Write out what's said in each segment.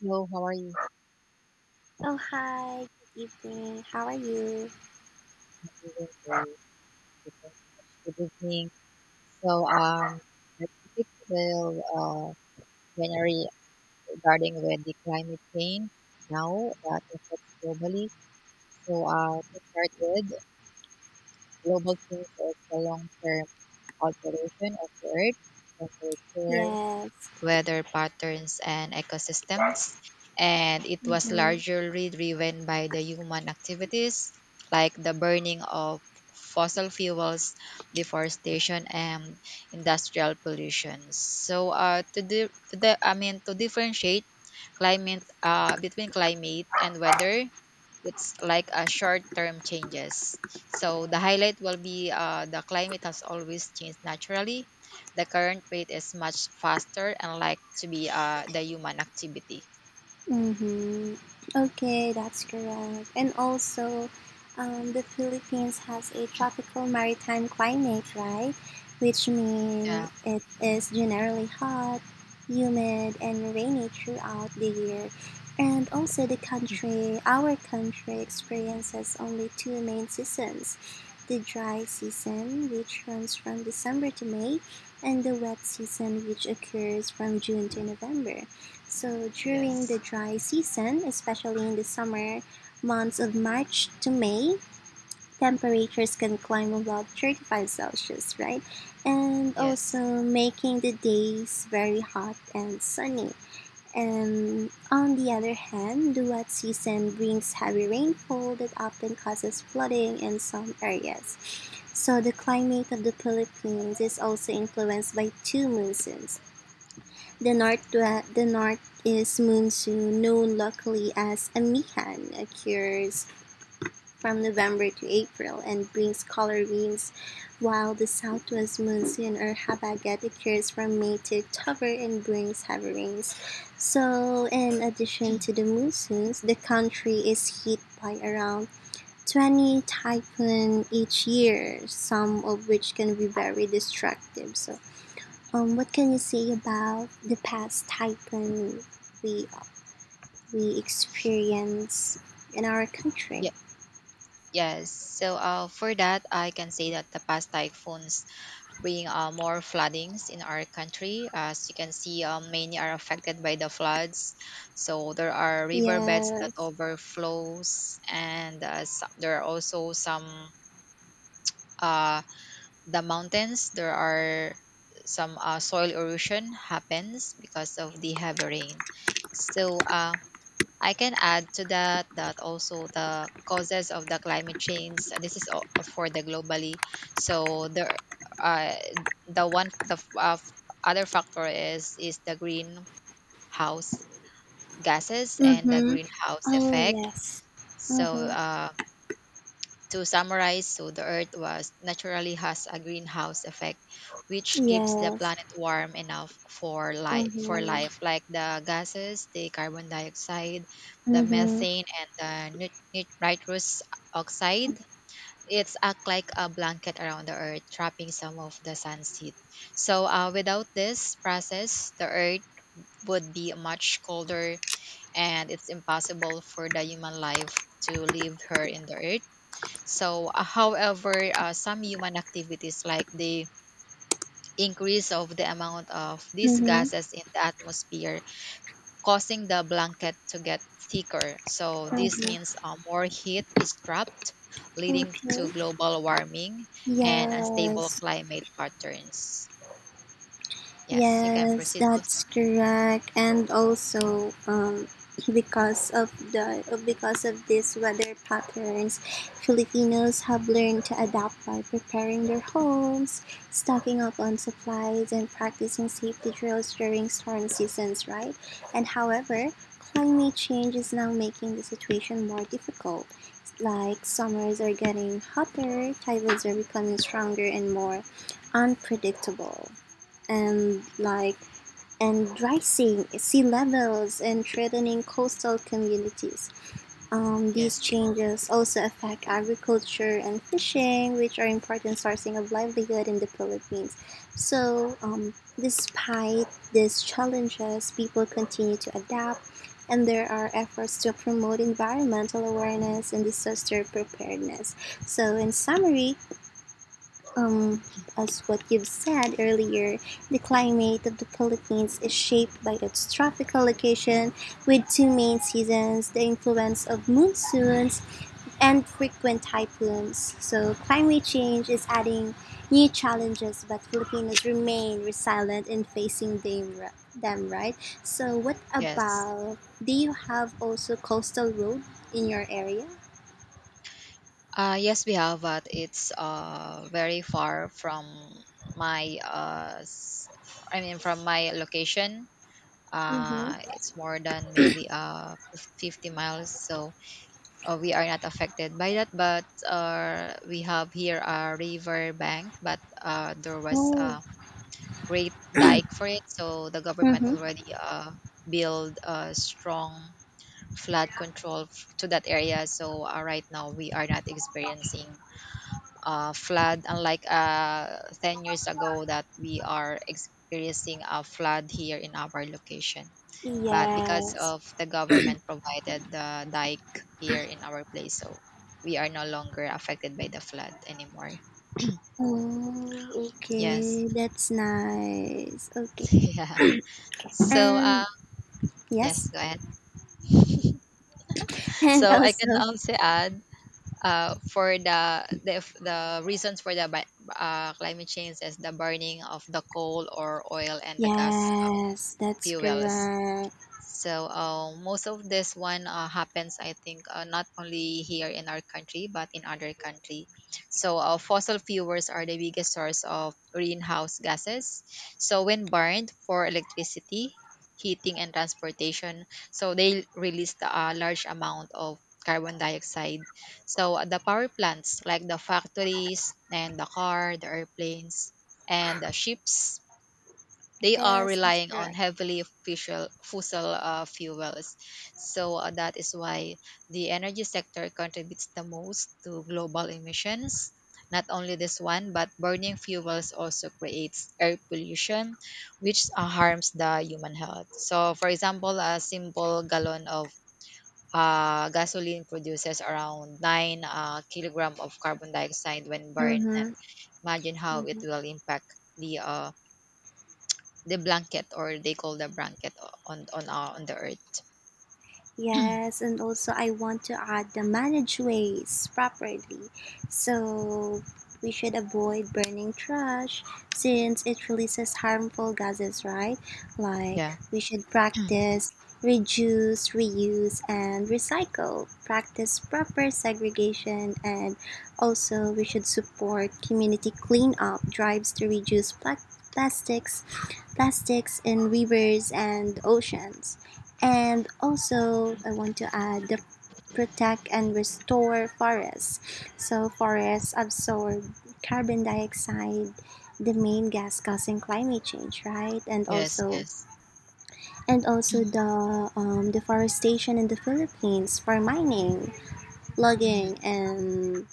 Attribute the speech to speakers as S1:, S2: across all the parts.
S1: Hello, how are you?
S2: Oh, hi. Good evening. How are you?
S1: I'm doing great. Thank you so much. Good evening. So, um, our topic will January regarding with the climate change now that affects globally. To start with, global change is the long-term alteration of the Earth temperature,
S2: Yes.
S1: weather patterns, and ecosystems. And it was
S2: Mm-hmm.
S1: largely driven by the human activities like the burning of fossil fuels, deforestation, and industrial pollution. So, to, di- to the, I mean, to differentiate climate between climate and weather, it's like a short-term changes. So the highlight will be the climate has always changed naturally, the current rate is much faster and like to be the human activity.
S2: Mm-hmm. Okay, that's correct. And also, the Philippines has a tropical maritime climate, right? Which
S1: Yeah.
S2: means it is generally hot, humid, and rainy throughout the year. And also, our country experiences only two main seasons, the dry season, which runs from December to May, and the wet season, which occurs from June to November. So during
S1: Yes.
S2: the dry season, especially in the summer months of March to May, temperatures can climb above 35 Celsius, right? And
S1: Yes.
S2: also making the days very hot and sunny. And on the other hand, the wet season brings heavy rainfall that often causes flooding in some areas. So the climate of the Philippines is also influenced by two monsoons. The north the north is monsoon, known locally as "amihan", occurs from November to April and brings color winds, while the southwest monsoon or habagat occurs from May to October and brings heavy rains. So, in addition to the monsoons, the country is hit by around 20 typhoons each year, some of which can be very destructive. So what can you say about the past typhoon we we experience in our country?
S1: Yeah. Yes. For that, I can say that the past typhoons bring more floodings in our country. As you can see, many are affected by the floods. So there are riverbeds that
S2: Yes.
S1: overflows, and there are also some uh, the mountains, there are some soil erosion happens because of the heavy rain. so uh, I can add to that that also the causes of the climate change, this is for the globally. So uh, the one the f- f- Other factor is the greenhouse gases and the
S2: Mm-hmm.
S1: greenhouse
S2: Oh
S1: effect.
S2: yes.
S1: so
S2: Mm-hmm.
S1: uh, to summarize, so the Earth was naturally has a greenhouse effect, which keeps the
S2: Yes.
S1: planet warm enough for
S2: Mm-hmm.
S1: life, like the gases, the carbon dioxide, the
S2: Mm-hmm.
S1: methane, and the nitrous oxide. It's act like a blanket around the Earth, trapping some of the sun's heat. Without this process, the Earth would be much colder, and it's impossible for the human life to live here in the Earth. Some human activities like the increase of the amount of these
S2: Mm-hmm.
S1: gases in the atmosphere, causing the blanket to get thicker. So, this means more heat is trapped, leading
S2: Mm-hmm.
S1: to
S2: Okay.
S1: global warming and unstable
S2: Yes.
S1: climate patterns. Yes, you can
S2: Yes,
S1: proceed also.
S2: that's correct. And also, because of these weather patterns, Filipinos have learned to adapt by preparing their homes, stocking up on supplies, and practicing safety drills during storm seasons. Right, and however, climate change is now making the situation more difficult. Like summers are getting hotter, typhoons are becoming stronger and more unpredictable, and like and rising sea levels and threatening coastal communities. These
S1: Yes,
S2: changes also affect agriculture and fishing, which are important sourcing of livelihood in the Philippines. So, despite these challenges, people continue to adapt, and there are efforts to promote environmental awareness and disaster preparedness. So, in summary, um, as what you've said earlier, the climate of the Philippines is shaped by its tropical location with two main seasons, the influence of monsoons, and frequent typhoons. So, climate change is adding new challenges, but Filipinos remain resilient in facing them, right? So, what
S1: yes.
S2: about, do you have also coastal road in your area?
S1: Yes, we have, but it's very far from my I mean from my location.
S2: Mm-hmm.
S1: It's more than maybe 50 miles. We are not affected by that, but we have here a river bank, but there was
S2: Oh,
S1: a great dike for it, so the government
S2: mm-hmm.
S1: already build a strong flood control to that area. Right now we are not experiencing flood, unlike 10 years ago that we are experiencing a flood here in our location, but because
S2: Yes.
S1: of the government provided the dike here in our place, so we are no longer affected by the flood anymore.
S2: Oh,
S1: Yes.
S2: okay. That's nice. Okay.
S1: Yeah. So, uh,
S2: And yes.
S1: yes, go ahead.
S2: And
S1: So I can
S2: also,
S1: also add for the f- the reasons for the climate change is the burning of the coal or oil and the gas,
S2: yes, that's
S1: fuels.
S2: correct.
S1: Most of this one happens, I think, not only here in our country but in other country. Fossil fuels are the biggest source of greenhouse gases. So when burned for electricity, heating, and transportation, so they release a large amount of carbon dioxide. The power plants, like the factories and the car, the airplanes, and the ships, they are
S2: Yes, that's
S1: relying on
S2: correct.
S1: heavily official fossil fuels. That is why the energy sector contributes the most to global emissions. Not only this one, but burning fuels also creates air pollution, which harms the human health. So, for example, a simple gallon of gasoline produces around 9 kilogram of carbon dioxide when burned. And
S2: Mm-hmm.
S1: imagine how it
S2: Mm-hmm.
S1: will impact the uh, the blanket, or they call the blanket on our on the earth.
S2: Yes, and also I want to add the manage waste properly. So we should avoid burning trash since it releases harmful gases, right? Like
S1: Yeah.
S2: we should practice reduce, reuse, and recycle, practice proper segregation, and also we should support community cleanup drives to reduce plastics plastics in rivers and oceans. And also, I want to add the protect and restore forests. So, forests absorb carbon dioxide, the main gas causing climate change, right?
S1: Yes, yes.
S2: And also the deforestation in the Philippines for mining.
S1: Mhm.
S2: Logging and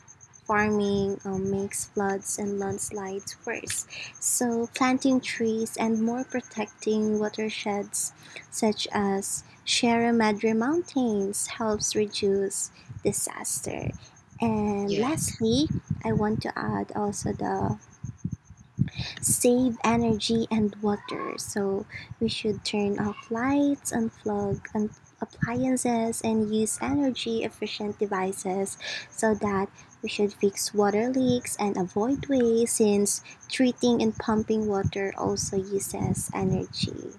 S2: farming makes floods and landslides worse. So, planting trees and more protecting watersheds such as Sierra Madre Mountains helps reduce disaster. And
S1: Yes.
S2: lastly, I want to add also the save energy and water. So we should turn off lights, unplug appliances, and use energy efficient devices so that we should fix water leaks and avoid waste since treating and pumping water also uses energy,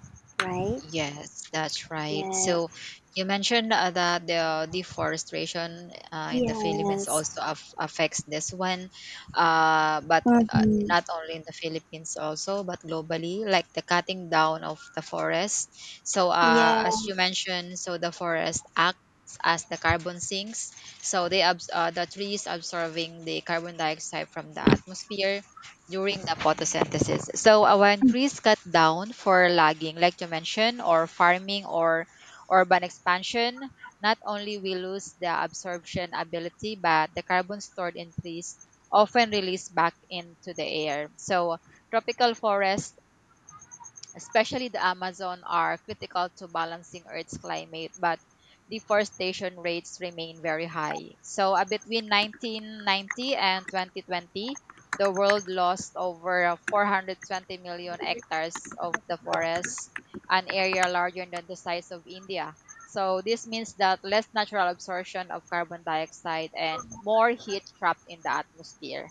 S2: right?
S1: Yes, that's right.
S2: Yeah.
S1: So you mentioned that the deforestation in the Philippines
S2: Yes.
S1: also affects this one, but
S2: Mm-hmm.
S1: not only in the Philippines also, but globally, like the cutting down of the forest. As
S2: Yes.
S1: you mentioned, so the forest acts as the carbon sinks. So they the trees absorbing the carbon dioxide from the atmosphere during the photosynthesis. When trees cut down for logging, like you mentioned, or farming or urban expansion, not only we lose the absorption ability, but the carbon stored in trees often released back into the air. So tropical forests, especially the Amazon, are critical to balancing Earth's climate, but deforestation rates remain very high. Between 1990 and 2020, the world lost over 420 million hectares of the forest, an area larger than the size of India. So, this means that less natural absorption of carbon dioxide and more heat trapped in the atmosphere.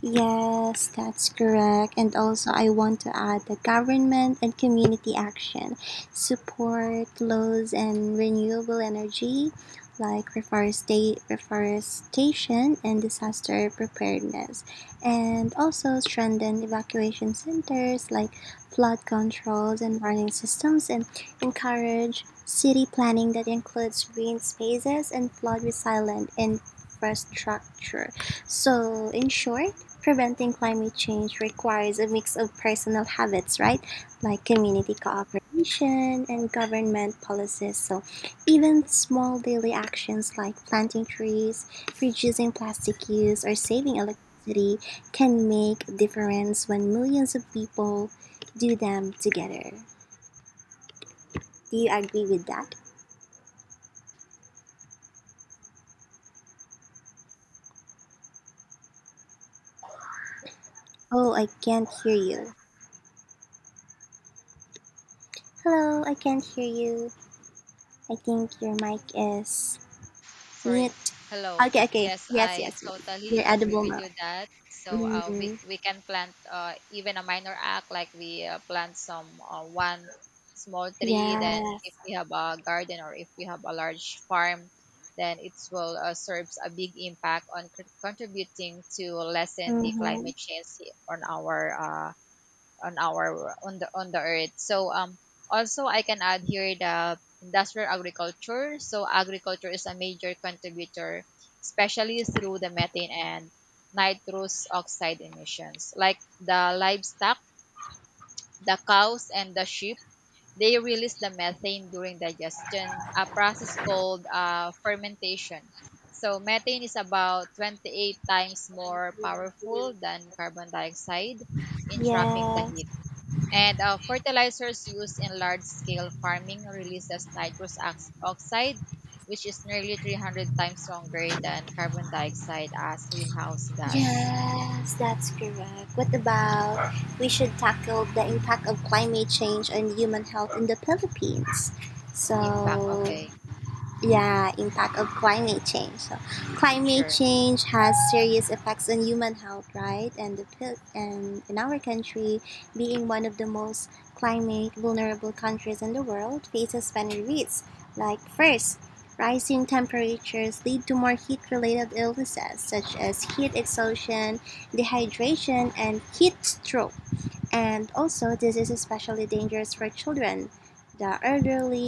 S2: Yes, that's correct. And also, I want to add the government and community action, support laws and renewable energy like reforestation and disaster preparedness, and also strengthen evacuation centers like flood controls and warning systems, and encourage city planning that includes green spaces and flood resilient infrastructure. So, in short, preventing climate change requires a mix of personal habits, right? Like community cooperation and government policies. So, even small daily actions like planting trees, reducing plastic use, or saving electricity can make a difference when millions of people do them together. Do you agree with that? Oh, I can't hear you. Hello, I can't hear you. I think your mic is
S1: Sorry,
S2: meat.
S1: hello.
S2: Okay, okay.
S1: Yes,
S2: Yes,
S1: I
S2: yes, yes.
S1: totally
S2: They're
S1: agree
S2: edible
S1: with
S2: now.
S1: you that. So uh, we
S2: Mhm.
S1: we can plant even a minor act like we plant some one small tree. Then if
S2: Yes.
S1: we have a garden or if we have a large farm, then it will serves a big impact on contributing to lessen the
S2: Mm-hmm.
S1: climate change on our on the earth. So um, also I can add here the industrial agriculture. So agriculture is a major contributor, especially through the methane and nitrous oxide emissions. Like the livestock, the cows and the sheep, they release the methane during digestion, a process called fermentation. So methane is about 28 times more powerful than carbon dioxide in trapping the
S2: Yes.
S1: heat. And fertilizers used in large scale farming releases oxide, which is nearly 300 times stronger than carbon dioxide as greenhouse gas
S2: Yes, that's correct. What about, we should tackle the impact of climate change on human health in the Philippines?
S1: impact.
S2: So,
S1: Okay,
S2: yeah, impact of climate change. So climate
S1: sure.
S2: change has serious effects on human health, right? And in our country, being one of the most climate vulnerable countries in the world, faces many risks. Like first, rising temperatures lead to more heat related illnesses such as heat exhaustion, dehydration, and heat stroke. And also, this is especially dangerous for children, the elderly,